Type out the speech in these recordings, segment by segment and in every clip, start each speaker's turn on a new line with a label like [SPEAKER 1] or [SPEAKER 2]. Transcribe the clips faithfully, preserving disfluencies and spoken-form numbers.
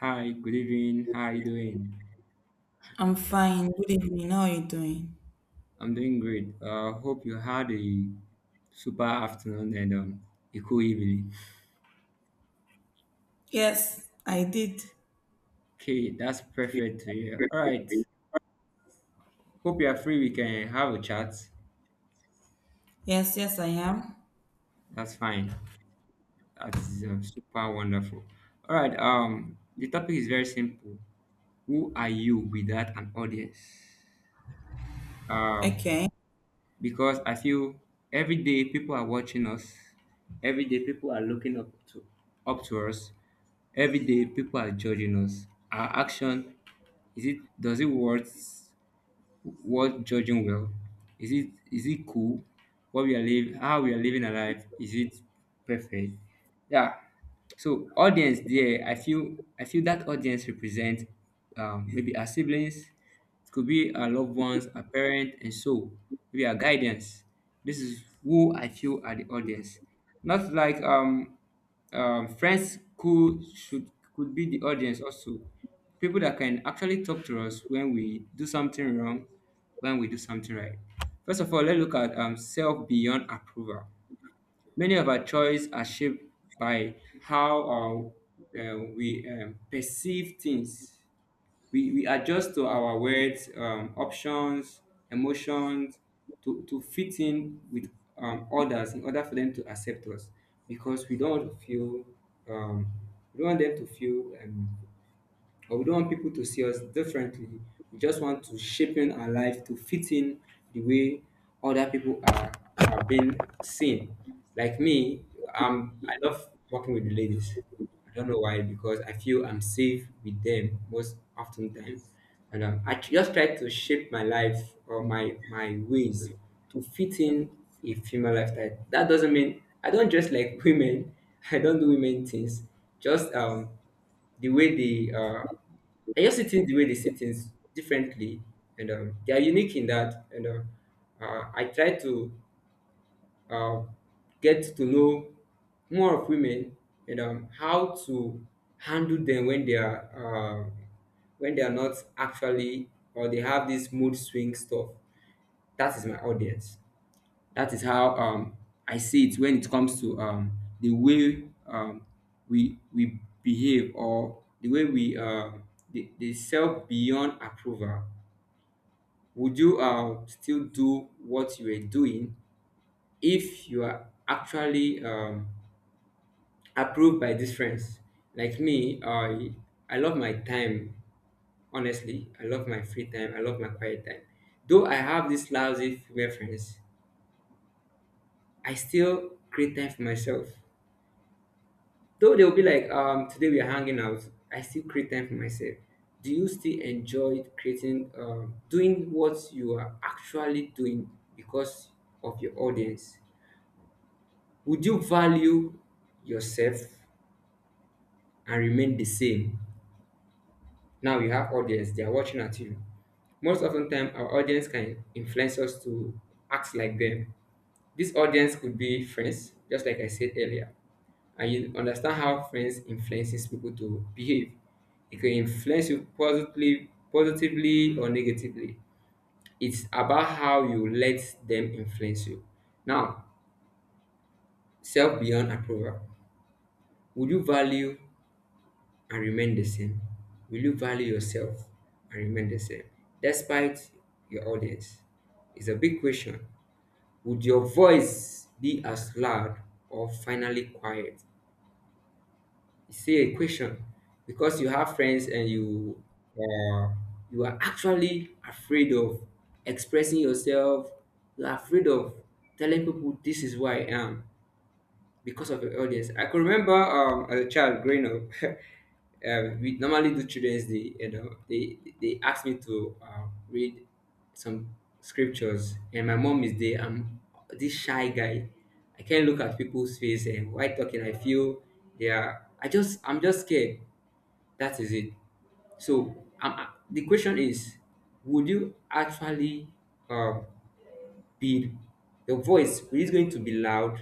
[SPEAKER 1] Hi, good evening. How are you doing?
[SPEAKER 2] I'm fine. Good evening. How are you doing?
[SPEAKER 1] I'm doing great. Uh, hope you had a super afternoon and um, a cool evening.
[SPEAKER 2] Yes, I did.
[SPEAKER 1] Okay, that's perfect to hear. All right. Hope you are free. We can have a chat.
[SPEAKER 2] Yes, yes, I am.
[SPEAKER 1] That's fine. That is um, super wonderful. All right. Um, the topic is very simple. Who are you without an audience? Um,
[SPEAKER 2] Okay.
[SPEAKER 1] because I feel every day people are watching us, every day people are looking up to up to us, every day people are judging us. Our action is it does it worth worth judging well? Is it is it cool? What we are living, how we are living our life, is it perfect? Yeah, so audience there, I feel I feel that audience represent um, maybe our siblings, it could be our loved ones, our parent, and so maybe our guidance. This is who I feel are the audience. Not like um, um, friends could should could be the audience also. People that can actually talk to us when we do something wrong, when we do something right. First of all, let's look at um, self beyond approval. Many of our choices are shaped by how our uh, we um, perceive things. We, we adjust to our words, um, options, emotions to, to fit in with um, others in order for them to accept us because we don't feel, um, we don't want them to feel um, or we don't want people to see us differently. We just want to shaping our life to fit in the way other people are, are being seen. Like me, um, I love working with the ladies. I don't know why, because I feel I'm safe with them most often time. And um, I just try to shape my life or my, my ways to fit in a female lifestyle. That doesn't mean I don't dress like women. I don't do women things. Just um, the way they uh I just see things the way they see things differently, and um, they are unique in that. And um, uh, I try to uh, get to know more of women and um, how to handle them when they are uh, when they are not actually or they have this mood swing stuff. That is my audience. That is how um, I see it when it comes to um, the way um, we we behave or the way we uh, the, the self beyond approval. Would you uh, still do what you were doing if you are actually um, approved by these friends? Like me, I I love my time. Honestly, I love my free time. I love my quiet time. Though I have these lousy female friends, I still create time for myself. Though they'll be like, um, today we are hanging out, I still create time for myself. Do you still enjoy creating, um, doing what you are actually doing because of your audience? Would you value yourself and remain the same? Now you have audience, they are watching at you. Most often time our audience can influence us to act like them. This audience could be friends, just like I said earlier. And you understand how friends influences people to behave. It can influence you positively positively or negatively. It's about how you let them influence you. Now, self beyond approval. Would you value and remain the same? Will you value yourself and remain the same despite your audience? It's a big question. Would your voice be as loud or finally quiet? It's still a question because you have friends and you uh, you are actually afraid of expressing yourself. You are afraid of telling people this is who I am because of the audience. I could remember um, as a child growing up, um, we normally do Children's Day. You know, they they asked me to um, read some scriptures, and my mom is there. I'm this shy guy. I can't look at people's face, and while talking, I feel they are. I just I'm just scared. That is it. So um, the question is, would you actually um, speed your voice is going to be loud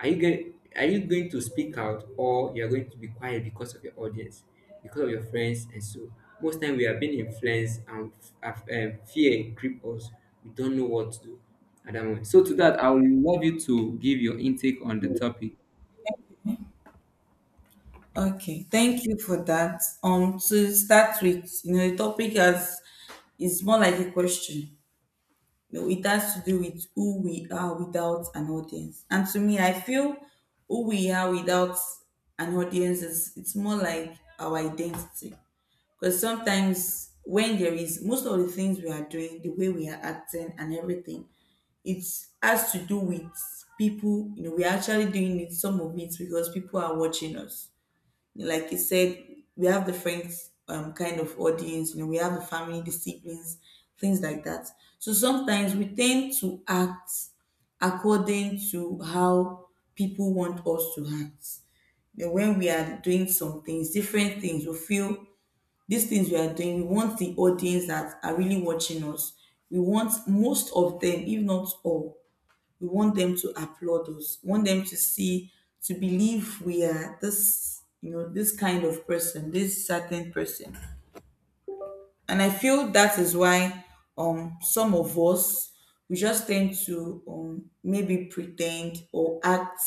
[SPEAKER 1] are you going are you going to speak out or you're going to be quiet because of your audience because of your friends and so most time we have been influenced and f- um, fear grip us, we don't know what to do at that moment. So to that, I would love you to give your intake on the topic.
[SPEAKER 2] Okay. Thank you for that. Um, to start with, you know, the topic has is more like a question. You know, it has to do with who we are without an audience. And to me, I feel who we are without an audience is it's more like our identity. Because sometimes when there is most of the things we are doing, the way we are acting and everything, it has to do with people. You know, we're actually doing it, some of it, because people are watching us. Like you said, we have the friends um, kind of audience, you know, we have the family, the siblings, things like that. So sometimes we tend to act according to how people want us to act. You know, when we are doing some things, different things, we feel these things we are doing, we want the audience that are really watching us. We want most of them, if not all, we want them to applaud us, we want them to see, to believe we are this, you know this kind of person, this certain person. And I feel that is why um some of us, we just tend to um maybe pretend or act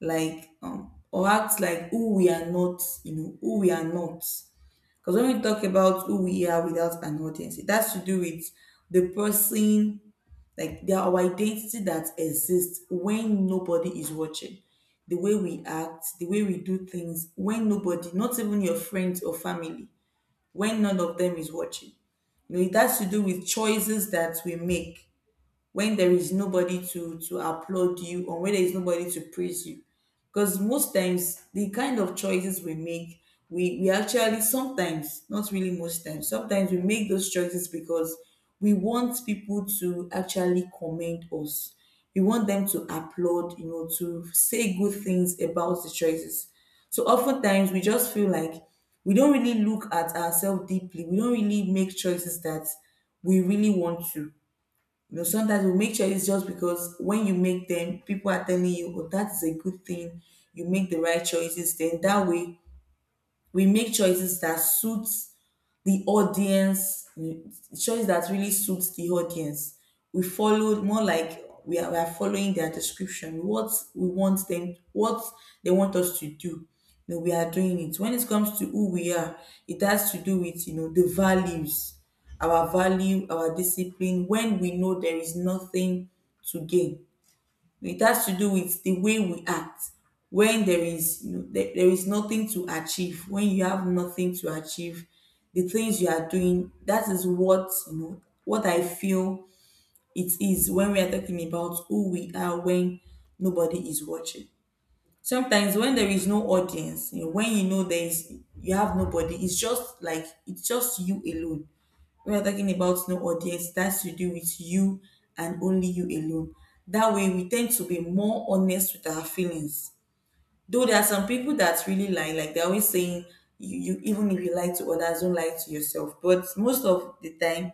[SPEAKER 2] like, um or act like who we are not, you know who we are not. Because when we talk about who we are without an audience, it has to do with the person, like they are our identity that exists when nobody is watching. The way we act, the way we do things, when nobody, not even your friends or family, when none of them is watching. You know, it has to do with choices that we make when there is nobody to to applaud you, or when there is nobody to praise you. Because most times the kind of choices we make, we we actually sometimes, not really most times, sometimes we make those choices because we want people to actually commend us. We want them to applaud, you know, to say good things about the choices. So oftentimes we just feel like we don't really look at ourselves deeply, we don't really make choices that we really want to. You know, sometimes we make choices just because when you make them, people are telling you, oh, that is a good thing. You make the right choices. Then that way, we make choices that suit the audience, mm, choice that really suits the audience. We followed, more like we are, we are following their description, what we want them, what they want us to do. You know, we are doing it. When it comes to who we are, it has to do with, you know, the values, our value, our discipline. When we know there is nothing to gain, it has to do with the way we act when there is, you know, there, there is nothing to achieve. When you have nothing to achieve, the things you are doing, that is what, you know, what I feel it is when we are talking about who we are when nobody is watching. Sometimes when there is no audience, you know, when you know there is, you have nobody, it's just like it's just you alone. We are talking about no audience. That's to do with you and only you alone. That way we tend to be more honest with our feelings. Though there are some people that really lie, like they're always saying, you, you, even if you lie to others, don't lie to yourself. But most of the time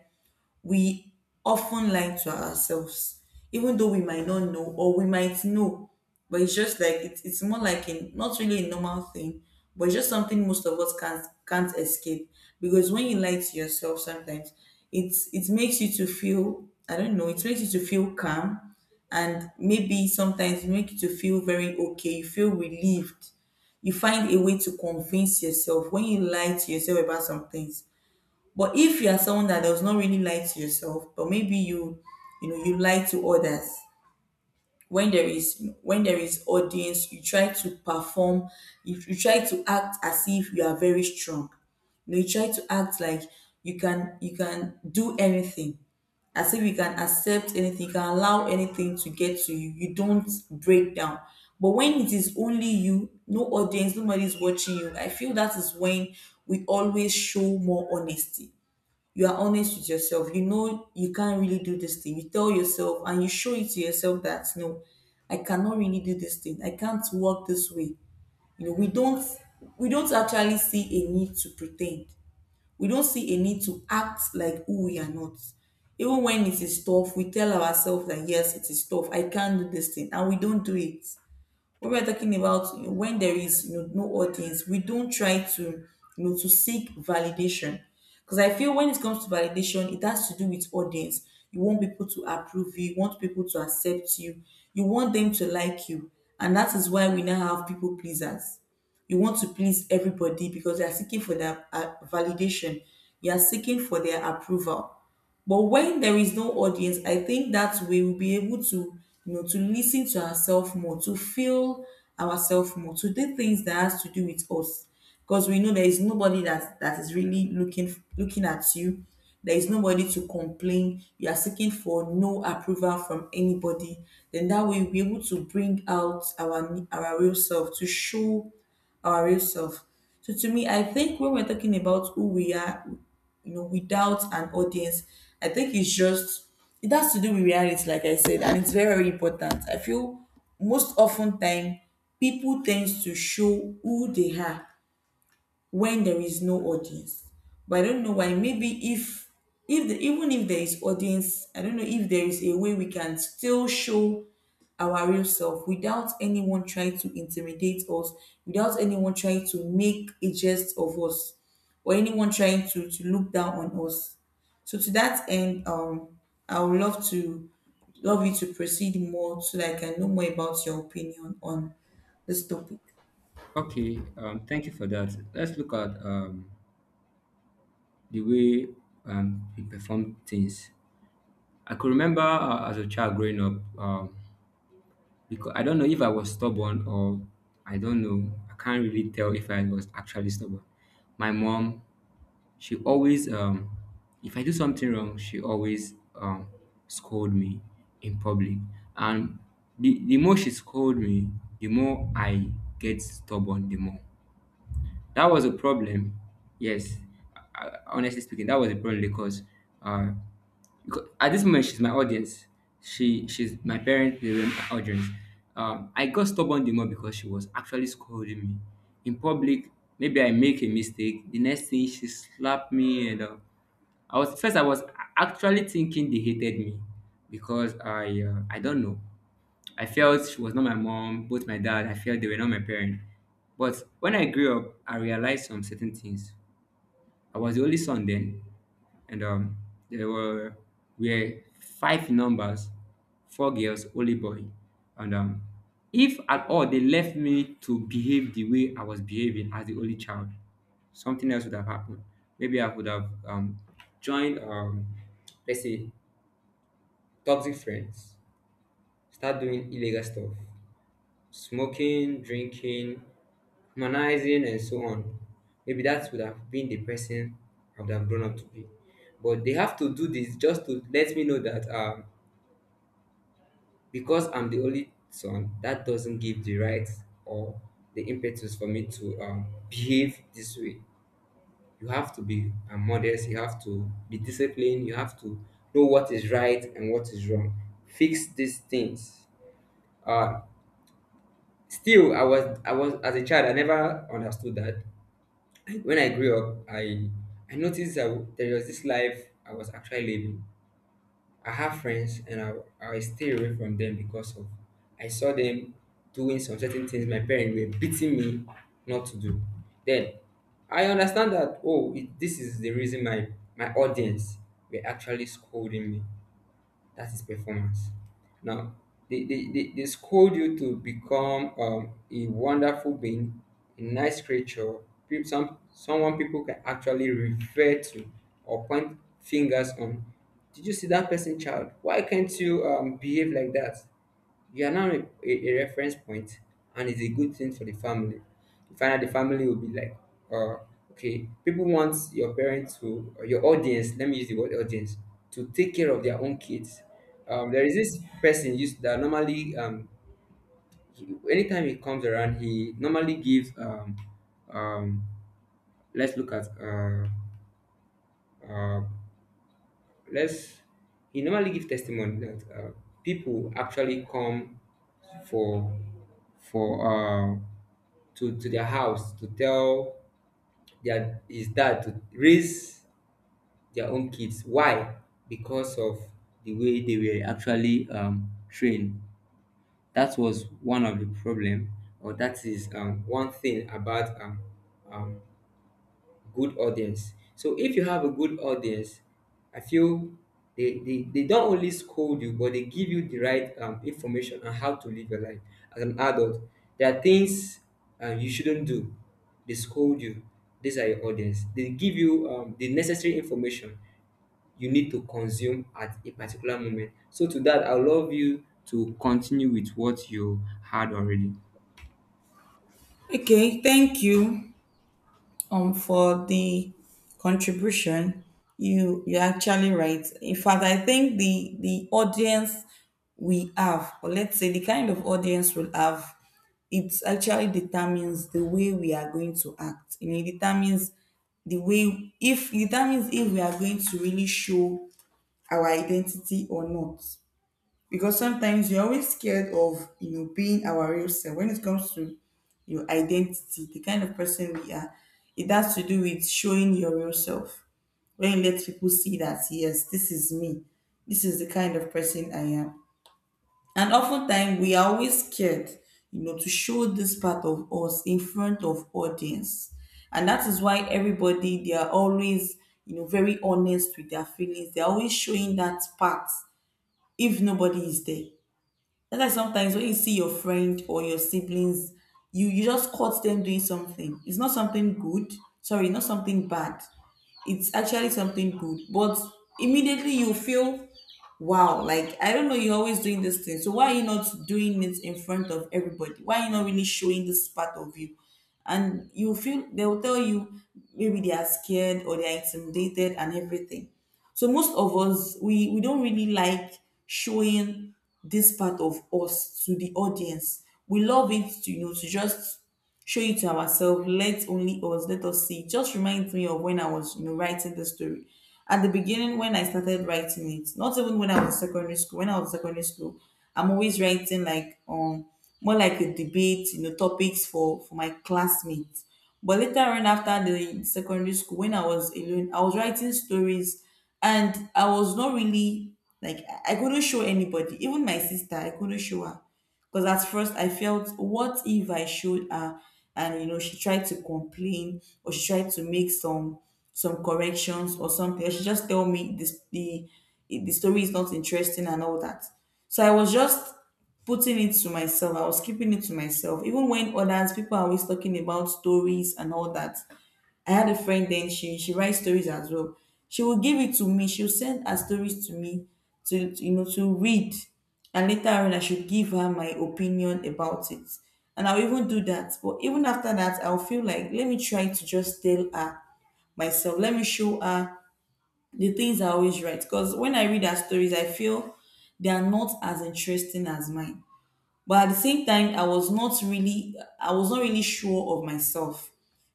[SPEAKER 2] we often lie to ourselves, even though we might not know, or we might know. But it's just like it's it's more like a not really a normal thing, but it's just something most of us can't can't escape. Because when you lie to yourself sometimes, it's, it makes you to feel, I don't know, it makes you to feel calm, and maybe sometimes it makes you to feel very okay, you feel relieved. You find a way to convince yourself when you lie to yourself about some things. But if you are someone that does not really lie to yourself, but maybe you, you know, you lie to others. When there is when there is audience, you try to perform. If you try to act as if you are very strong. You know, you try to act like you, can you can do anything, as if you can accept anything, you can allow anything to get to you. You don't break down. But when it is only you, no audience, nobody is watching you, I feel that is when we always show more honesty. You are honest with yourself, you know you can't really do this thing. You tell yourself and you show it to yourself that no, I cannot really do this thing, I can't work this way. You know, we don't we don't actually see a need to pretend. We don't see a need to act like who we are not. Even when it is tough, we tell ourselves that yes, it is tough, I can't do this thing, and we don't do it. What we're talking about, when there is, you know, no audience, we don't try to, you know, to seek validation. Because I feel when it comes to validation, it has to do with audience. You want people to approve you, you want people to accept you, you want them to like you. And that is why we now have people pleasers. You want to please everybody because they are seeking for their uh, validation. You are seeking for their approval. But when there is no audience, I think that we will be able to, you know, to listen to ourselves more, to feel ourselves more, to do things that has to do with us. Because we know there is nobody that that is really looking looking at you. There is nobody to complain. You are seeking for no approval from anybody. Then that way we'll be able to bring out our our real self, to show our real self. So to me, I think when we're talking about who we are, you know, without an audience, I think it's just, it has to do with reality, like I said, and it's very, very important. I feel most often time people tend to show who they are when there is no audience. But I don't know why. Maybe if, if the, even if there is audience, I don't know if there is a way we can still show our real self without anyone trying to intimidate us, without anyone trying to make a jest of us, or anyone trying to, to look down on us. So to that end, um, I would love to love you to proceed more so that I can know more about your opinion on this topic.
[SPEAKER 1] Okay, um, thank you for that. Let's look at um, the way um, we perform things. I could remember uh, as a child growing up, um, because I don't know if I was stubborn or I don't know. I can't really tell if I was actually stubborn. My mom, she always um if I do something wrong, she always um scold me in public. And the, the more she scold me, the more I get stubborn the more. That was a problem. Yes, I, I- honestly speaking, that was a problem because, uh, because at this moment she's my audience. She she's my parent. They were my audience. Um, I got stubborn the more because she was actually scolding me in public. Maybe I make a mistake. The next thing she slapped me and. Uh, I was first I was actually thinking they hated me because I uh, I don't know I felt she was not my mom, both my dad, I felt they were not my parents. But when I grew up, I realized some certain things. I was the only son then, and um, there were we were five numbers, four girls, only boy. And um, if at all they left me to behave the way I was behaving as the only child, something else would have happened. Maybe I would have um, joined, um, let's say, toxic friends, start doing illegal stuff, smoking, drinking, humanizing, and so on. Maybe that would have been the person I would have grown up to be. But they have to do this just to let me know that um, because I'm the only son, that doesn't give the right or the impetus for me to um, behave this way. You have to be uh, modest, you have to be disciplined, you have to know what is right and what is wrong. Fix these things. Uh, Still, I was, I was, as a child, I never understood that. When I grew up, I I noticed that there was this life I was actually living. I have friends, and I I stay away from them because of I saw them doing some certain things my parents were beating me not to do. Then I understand that oh, it, this is the reason my my audience were actually scolding me. That is performance. Now, they, they, they, they scold you to become um, a wonderful being, a nice creature, peop- some, someone people can actually refer to or point fingers on. Did you see that person, child? Why can't you um, behave like that? You are now a, a, a reference point, and it's a good thing for the family. You find out the family will be like, uh, okay, people want your parents to, or your audience, let me use the word audience, to take care of their own kids. Um, there is this person used that normally, um, he, anytime he comes around, he normally gives, um, um, let's look at uh, uh, let's he normally give testimony that uh, people actually come for for uh, to to their house to tell their his dad to raise their own kids. Why? Because of the way they were actually um, trained. That was one of the problem, or that is um, one thing about um, um, good audience. So if you have a good audience, I feel they, they, they don't only scold you, but they give you the right um, information on how to live your life as an adult. There are things uh, you shouldn't do. They scold you. These are your audience. They give you um, the necessary information you need to consume at a particular moment. So to that, I would love you to continue with what you had already.
[SPEAKER 2] Okay, thank you. Um for the contribution, you you're actually right. In fact, I think the the audience we have, or let's say the kind of audience we'll have, it actually determines the way we are going to act. You know, it determines the way, if it determines if we are going to really show our identity or not. Because sometimes we're always scared of, you know, being our real self. When it comes to your identity, the kind of person we are, it has to do with showing your real self. When you let people see that yes, this is me, this is the kind of person I am. And oftentimes we are always scared, you know, to show this part of us in front of audience. And that is why everybody, they are always, you know, very honest with their feelings, they're always showing that part if nobody is there. That's why sometimes when you see your friend or your siblings, you you just caught them doing something. It's not something good. Sorry, not something bad. It's actually something good. But immediately you feel, wow, like I don't know, you're always doing this thing. So why are you not doing it in front of everybody? Why are you not really showing this part of you? And you feel they will tell you maybe they are scared or they are intimidated and everything. So most of us, we, we don't really like showing this part of us to the audience. We love it to, you know, to just show it to ourselves. Let only us, let us see. It just reminds me of when I was, you know, writing the story. At the beginning, when I started writing it, not even when I was in secondary school, when I was in secondary school, I'm always writing like, um, more like a debate, you know, topics for, for my classmates. But later on, after the secondary school, when I was alone, I was writing stories, and I was not really like I I couldn't show anybody, even my sister. I couldn't show her. Because at first I felt, what if I showed her and you know she tried to complain or she tried to make some some corrections or something, or she just tell me this the the story is not interesting and all that. So I was just putting it to myself. I was keeping it to myself. Even when others people are always talking about stories and all that, I had a friend then she she writes stories as well. She will give it to me. She'll send her stories to me to to, you know to read, and later on I should give her my opinion about it. And I'll even do that. But even after that, I'll feel like let me try to just tell her myself. Let me show her the things I always write. Because when I read her stories, I feel they are not as interesting as mine, but at the same time, i was not really i was not really sure of myself,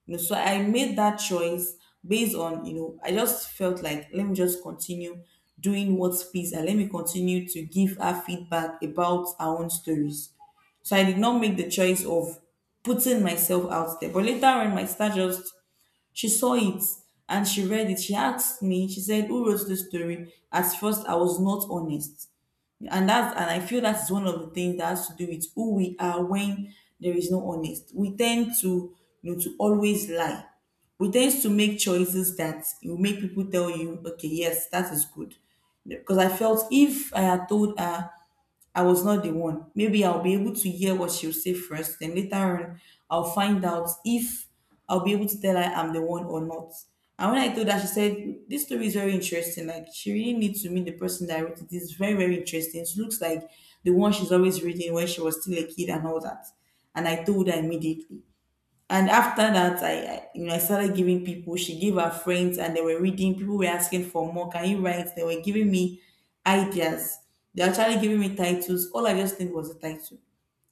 [SPEAKER 2] you know. So I made that choice based on, you know, I just felt like let me just continue doing what's peace, and let me continue to give her feedback about our own stories. So I did not make the choice of putting myself out there, but later on, my star just she saw it and she read it. She asked me, she said, "Who wrote this story?" At first, I was not honest. And that's and I feel that is one of the things that has to do with who we are. When there is no honest, we tend to you know to always lie. We tend to make choices that will make people tell you, okay, yes, that is good. Because I felt if I had told her I was not the one, maybe I'll be able to hear what she'll say first, then later on, I'll find out if I'll be able to tell her I'm the one or not. And when I told her, she said, "This story is very interesting. Like, she really needs to meet the person that wrote it. It's very, very interesting. It looks like the one she's always reading when she was still a kid and all that." And I told her immediately. And after that, I, I you know I started giving people. She gave her friends, and they were reading. People were asking for more. Can you write? They were giving me ideas. They actually giving me titles. All I just did was a title,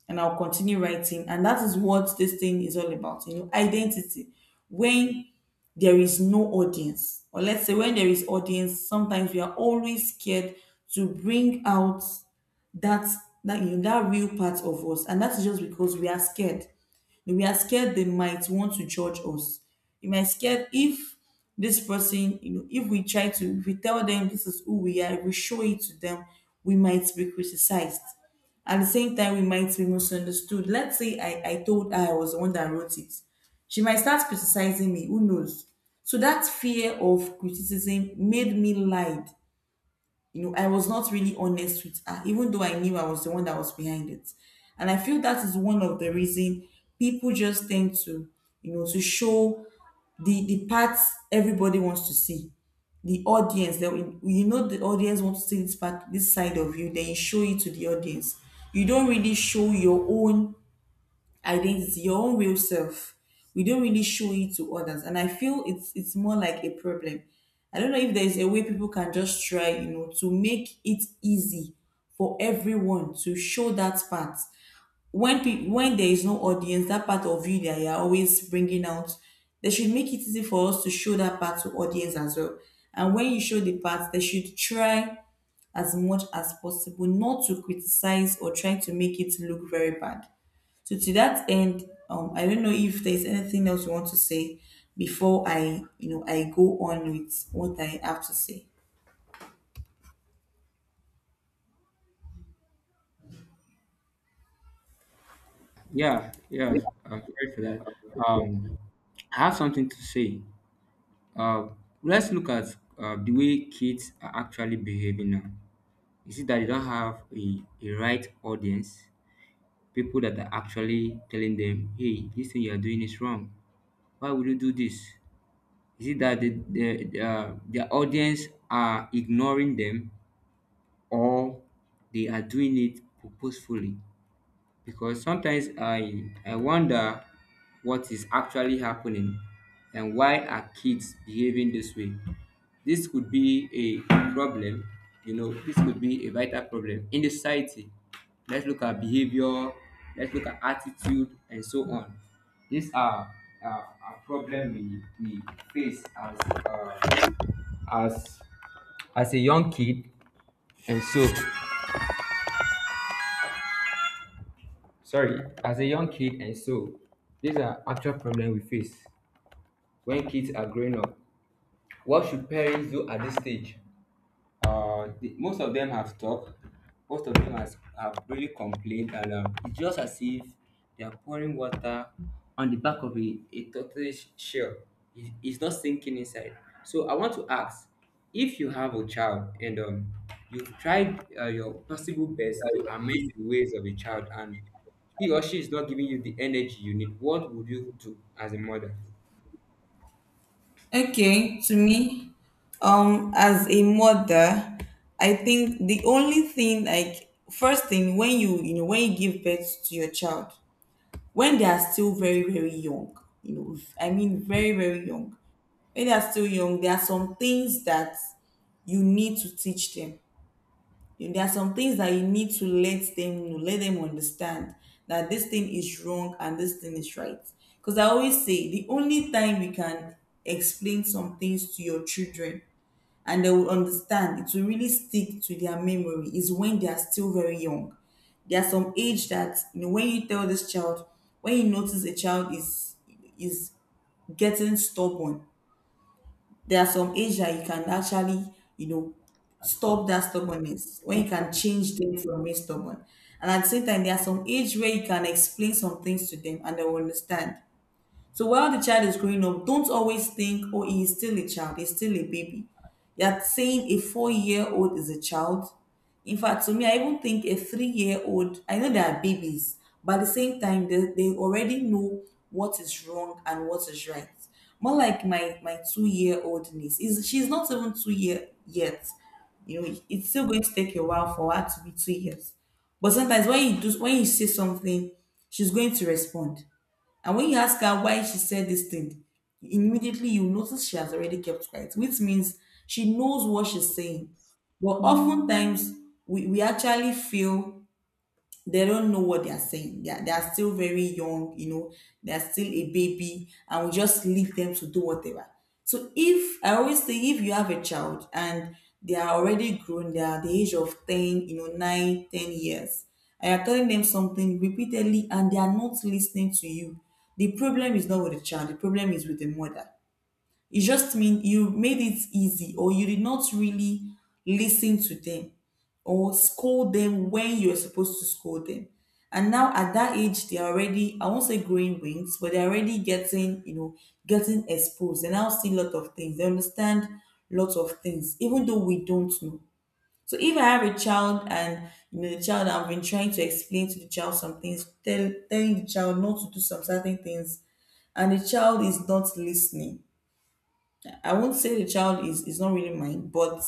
[SPEAKER 2] and I'll continue writing. And that is what this thing is all about. You know, identity. When there is no audience, or let's say when there is audience, sometimes we are always scared to bring out that that you know, that real part of us, and that's just because we are scared. We are scared they might want to judge us. We might scared if this person, you know, if we try to, if we tell them this is who we are, if we show it to them, we might be criticized. At the same time, we might be misunderstood. Let's say I, I told her I was the one that wrote it. She might start criticizing me. Who knows? So that fear of criticism made me lie, you know. I was not really honest with her, even though I knew I was the one that was behind it. And I feel that is one of the reason people just tend to, you know, to show the the parts everybody wants to see. The audience, that you know, the audience wants to see this part, this side of you. Then you show it to the audience. You don't really show your own identity, your own real self. We don't really show it to others. And I feel it's it's more like a problem. I don't know if there's a way people can just try, you know, to make it easy for everyone to show that part when pe- when there is no audience. That part of you that you are always bringing out, they should make it easy for us to show that part to audience as well. And when you show the part, they should try as much as possible not to criticize or try to make it look very bad. So to that end, um, I don't know if there's anything else you want to say before I, you know, I go on with what I have to say.
[SPEAKER 1] Yeah, yeah. I'm sorry for that. Um, I have something to say. Uh, let's look at uh, the way kids are actually behaving now. You see that they don't have a, a right audience, people that are actually telling them, hey, this thing you're doing is wrong. Why would you do this? Is it that the, the, uh, their audience are ignoring them or they are doing it purposefully? Because sometimes I I wonder what is actually happening and why are kids behaving this way. This could be a problem, you know, this could be a vital problem in the society. Let's look at behavior, let's look at attitude and so on. These are uh, a problem we, we face as uh, as as a young kid and so Sorry, as a young kid and so, these are actual problems we face when kids are growing up. What should parents do at this stage? Uh, the, most of them have talked, most of them has, have really complained, and um, it's just as if they are pouring water on the back of a, a tortoise shell. It, it's not sinking inside. So I want to ask if you have a child and um, you've tried uh, your possible best to amend the ways of a child, and he or she is not giving you the energy you need, what would you do as a mother?
[SPEAKER 2] Okay, to me, um, as a mother, I think the only thing, like, first thing, when you, you know, when you give birth to your child, when they are still very, very young, you know, I mean, very, very young, when they are still young, there are some things that you need to teach them. There are some things that you need to let them know, let them understand that this thing is wrong and this thing is right. Because I always say the only time you can explain some things to your children and they will understand, it will really stick to their memory, is when they are still very young. There's some age that you know when you tell this child, when you notice a child is is getting stubborn, there are some age that you can actually, you know, stop that stubbornness, when you can change them from being stubborn. And at the same time, there are some age where you can explain some things to them and they will understand. So while the child is growing up, don't always think, oh, he is still a child, he's still a baby. You're saying a four year old is a child. In fact, to me, I even think a three year old, I know they are babies, but at the same time, they, they already know what is wrong and what is right. More like my, my two year old niece. Is She's not even two year yet. You know, it's still going to take a while for her to be two years. But sometimes when you do, when you say something, she's going to respond. And when you ask her why she said this thing, immediately you notice she has already kept quiet, which means she knows what she's saying. But Mm. oftentimes, we, we actually feel they don't know what they are saying. They are, they are still very young, you know, they are still a baby, and we just leave them to do whatever. So if I always say if you have a child and they are already grown, they are at the age of ten, you know, nine, ten years, and you're telling them something repeatedly and they are not listening to you, the problem is not with the child, the problem is with the mother. It just means you made it easy, or you did not really listen to them or scold them when you were supposed to scold them. And now at that age, they're already, I won't say growing wings, but they're already getting, you know, getting exposed. They now see a lot of things. They understand lots of things, even though we don't know. So if I have a child, and you know the child, I've been trying to explain to the child some things, tell, telling the child not to do some certain things, and the child is not listening, I won't say the child is, is not really mine, but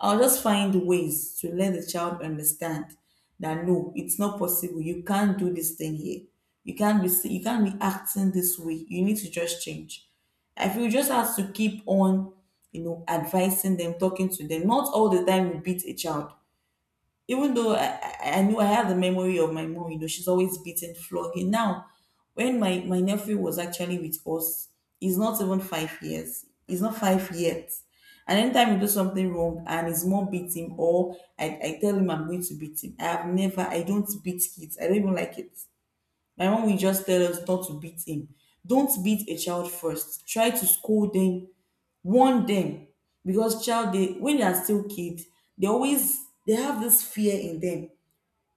[SPEAKER 2] I'll just find ways to let the child understand that no, it's not possible. You can't do this thing here. You can't be si- you can't be acting this way. You need to just change. I feel you just have to keep on, you know, advising them, talking to them. Not all the time you beat a child, even though I, I I knew I had the memory of my mom, you know, she's always beaten, flogging. Now, when my, my nephew was actually with us, he's not even five years. He's not five yet. And anytime you do something wrong and his mom beats him, or I, I tell him I'm going to beat him, I have never, I don't beat kids. I don't even like it. My mom will just tell us not to beat him. Don't beat a child first. Try to scold them, warn them, because child, they, when they are still kids, they always, they have this fear in them.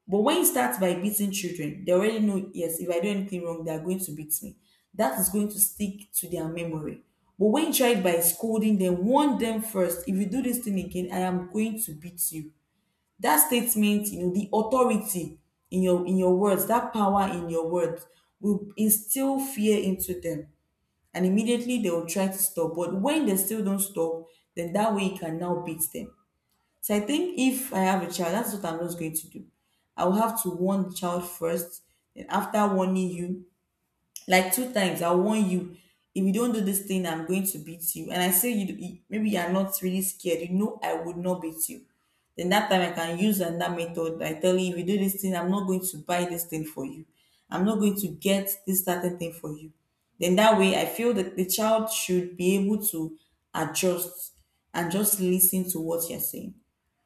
[SPEAKER 2] But when you start by beating children, they already know, yes, if I do anything wrong, they are going to beat me. That is going to stick to their memory. But when you try it by scolding them, warn them first, if you do this thing again I am going to beat you, that statement, you know, the authority in your in your words, that power in your words will instill fear into them, and immediately they will try to stop. But when they still don't stop, then that way you can now beat them. So I think if I have a child, that's what I'm just going to do. I will have to warn the child first, and after warning you, like two times I warn you, if you don't do this thing I'm going to beat you, and I say you you- maybe you're not really scared, you know I would not beat you, then that time I can use another method. I tell you, if you do this thing I'm not going to buy this thing for you, I'm not going to get this certain thing for you, then that way I feel that the child should be able to adjust and just listen to what you're saying.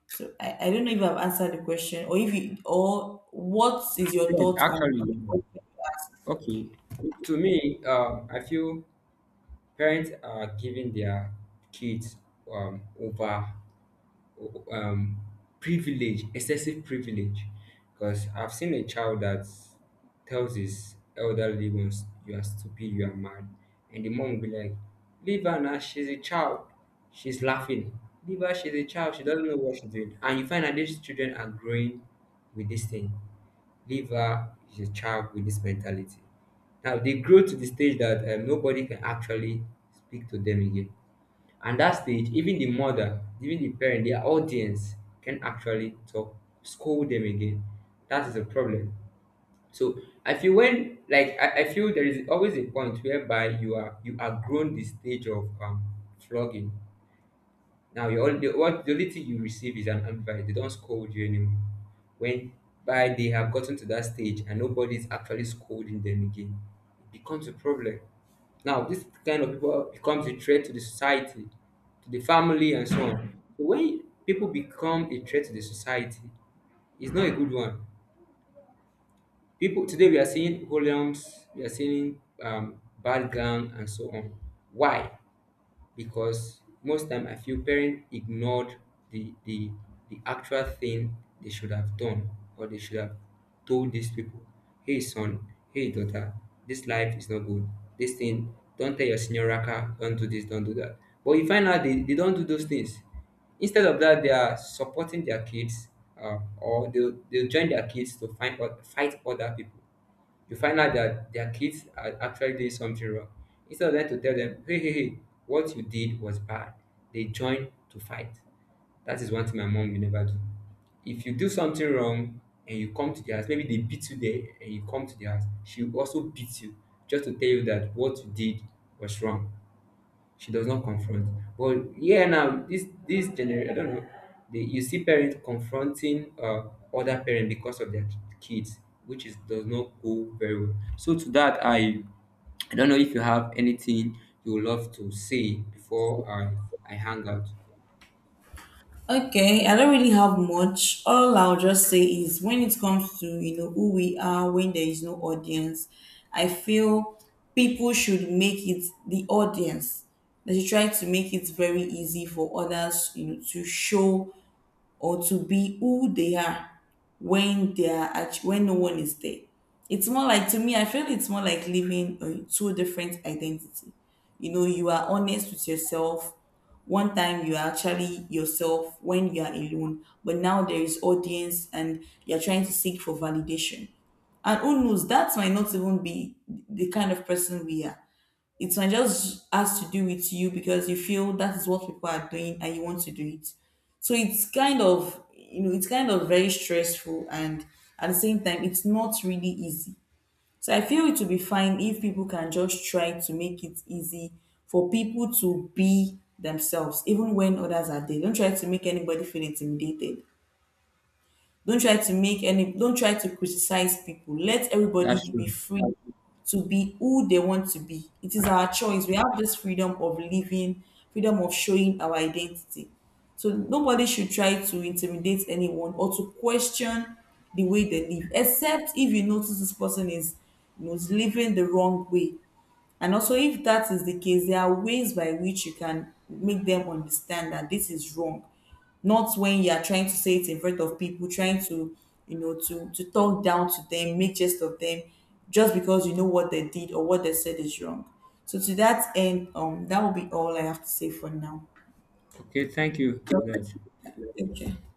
[SPEAKER 2] So i, I don't know if I've answered the question, or if you, or what is your
[SPEAKER 1] Yes,
[SPEAKER 2] thoughts on, on
[SPEAKER 1] actually.
[SPEAKER 2] the question?
[SPEAKER 1] Okay. To me, um, I feel parents are giving their kids um, over um, privilege, excessive privilege. Because I've seen a child that tells his elderly ones, "You are stupid, you are mad," and the mom will be like, "Leave her now. She's a child. She's laughing. Leave her. She's a child. She doesn't know what she's doing." And you find that these children are growing with this thing. Leave her. She's a child with this mentality. Now they grow to the stage that um, nobody can actually speak to them again. At that stage, even the mother, even the parent, their audience can actually talk, scold them again. That is a problem. So I feel when like I, I feel there is always a point whereby you are you are grown the stage of um flogging. Now you only what the only thing you receive is an advice. They don't scold you anymore. When by they have gotten to that stage and nobody is actually scolding them again, it becomes a problem. Now this kind of people becomes a threat to the society, to the family and so on. So, when people become a threat to the society, it's not a good one. People today, we are seeing hoodlums, we are seeing um, bad gang and so on. Why? Because most time I feel parents ignored the the the actual thing they should have done or they should have told these people, hey son, hey daughter, this life is not good. This thing, don't tell your senior raka, don't do this, don't do that. But you find out they, they don't do those things. Instead of that, they are supporting their kids, uh, or they'll, they'll join their kids to find out, fight other people. You find out that their kids are actually doing something wrong. Instead of them to tell them, hey, hey, hey, what you did was bad, they join to fight. That is one thing my mom will never do. If you do something wrong and you come to the house, maybe they beat you there and you come to the house, she will also beat you just to tell you that what you did was wrong. She does not confront. But yeah, now this this generation, I don't know. They, you see parents confronting uh, other parents because of their kids, which is does not go very well. So to that, I I don't know if you have anything you would love to say before I I hang out.
[SPEAKER 2] Okay, I don't really have much. All I'll just say is, when it comes to, you know, who we are when there is no audience, I feel people should make it the audience. They should try to make it very easy for others, you know, to show or to be who they are when they are act- when no one is there. It's more like, to me, I feel it's more like living uh, two different identity. You know, you are honest with yourself one time, you are actually yourself when you are alone, but now there is audience and you're trying to seek for validation, and who knows, that might not even be the kind of person we are. It might just has to do with you because you feel that is what people are doing and you want to do it. So it's kind of, you know, it's kind of very stressful, and at the same time it's not really easy. So I feel it will be fine if people can just try to make it easy for people to be themselves, even when others are there. Don't try to make anybody feel intimidated, don't try to make any don't try to criticize people, let everybody
[SPEAKER 1] That's
[SPEAKER 2] be
[SPEAKER 1] true.
[SPEAKER 2] free to be who they want to be. It is our choice, we have this freedom of living, freedom of showing our identity, so nobody should try to intimidate anyone or to question the way they live, except if you notice this person is, you know, is living the wrong way. And also, if that is the case, there are ways by which you can make them understand that this is wrong. Not when you are trying to say it in front of people, trying to, you know, to to talk down to them, make jest of them, just because you know what they did or what they said is wrong. So to that end, um, that will be all I have to say for now.
[SPEAKER 1] Okay, thank you for that.
[SPEAKER 2] Okay.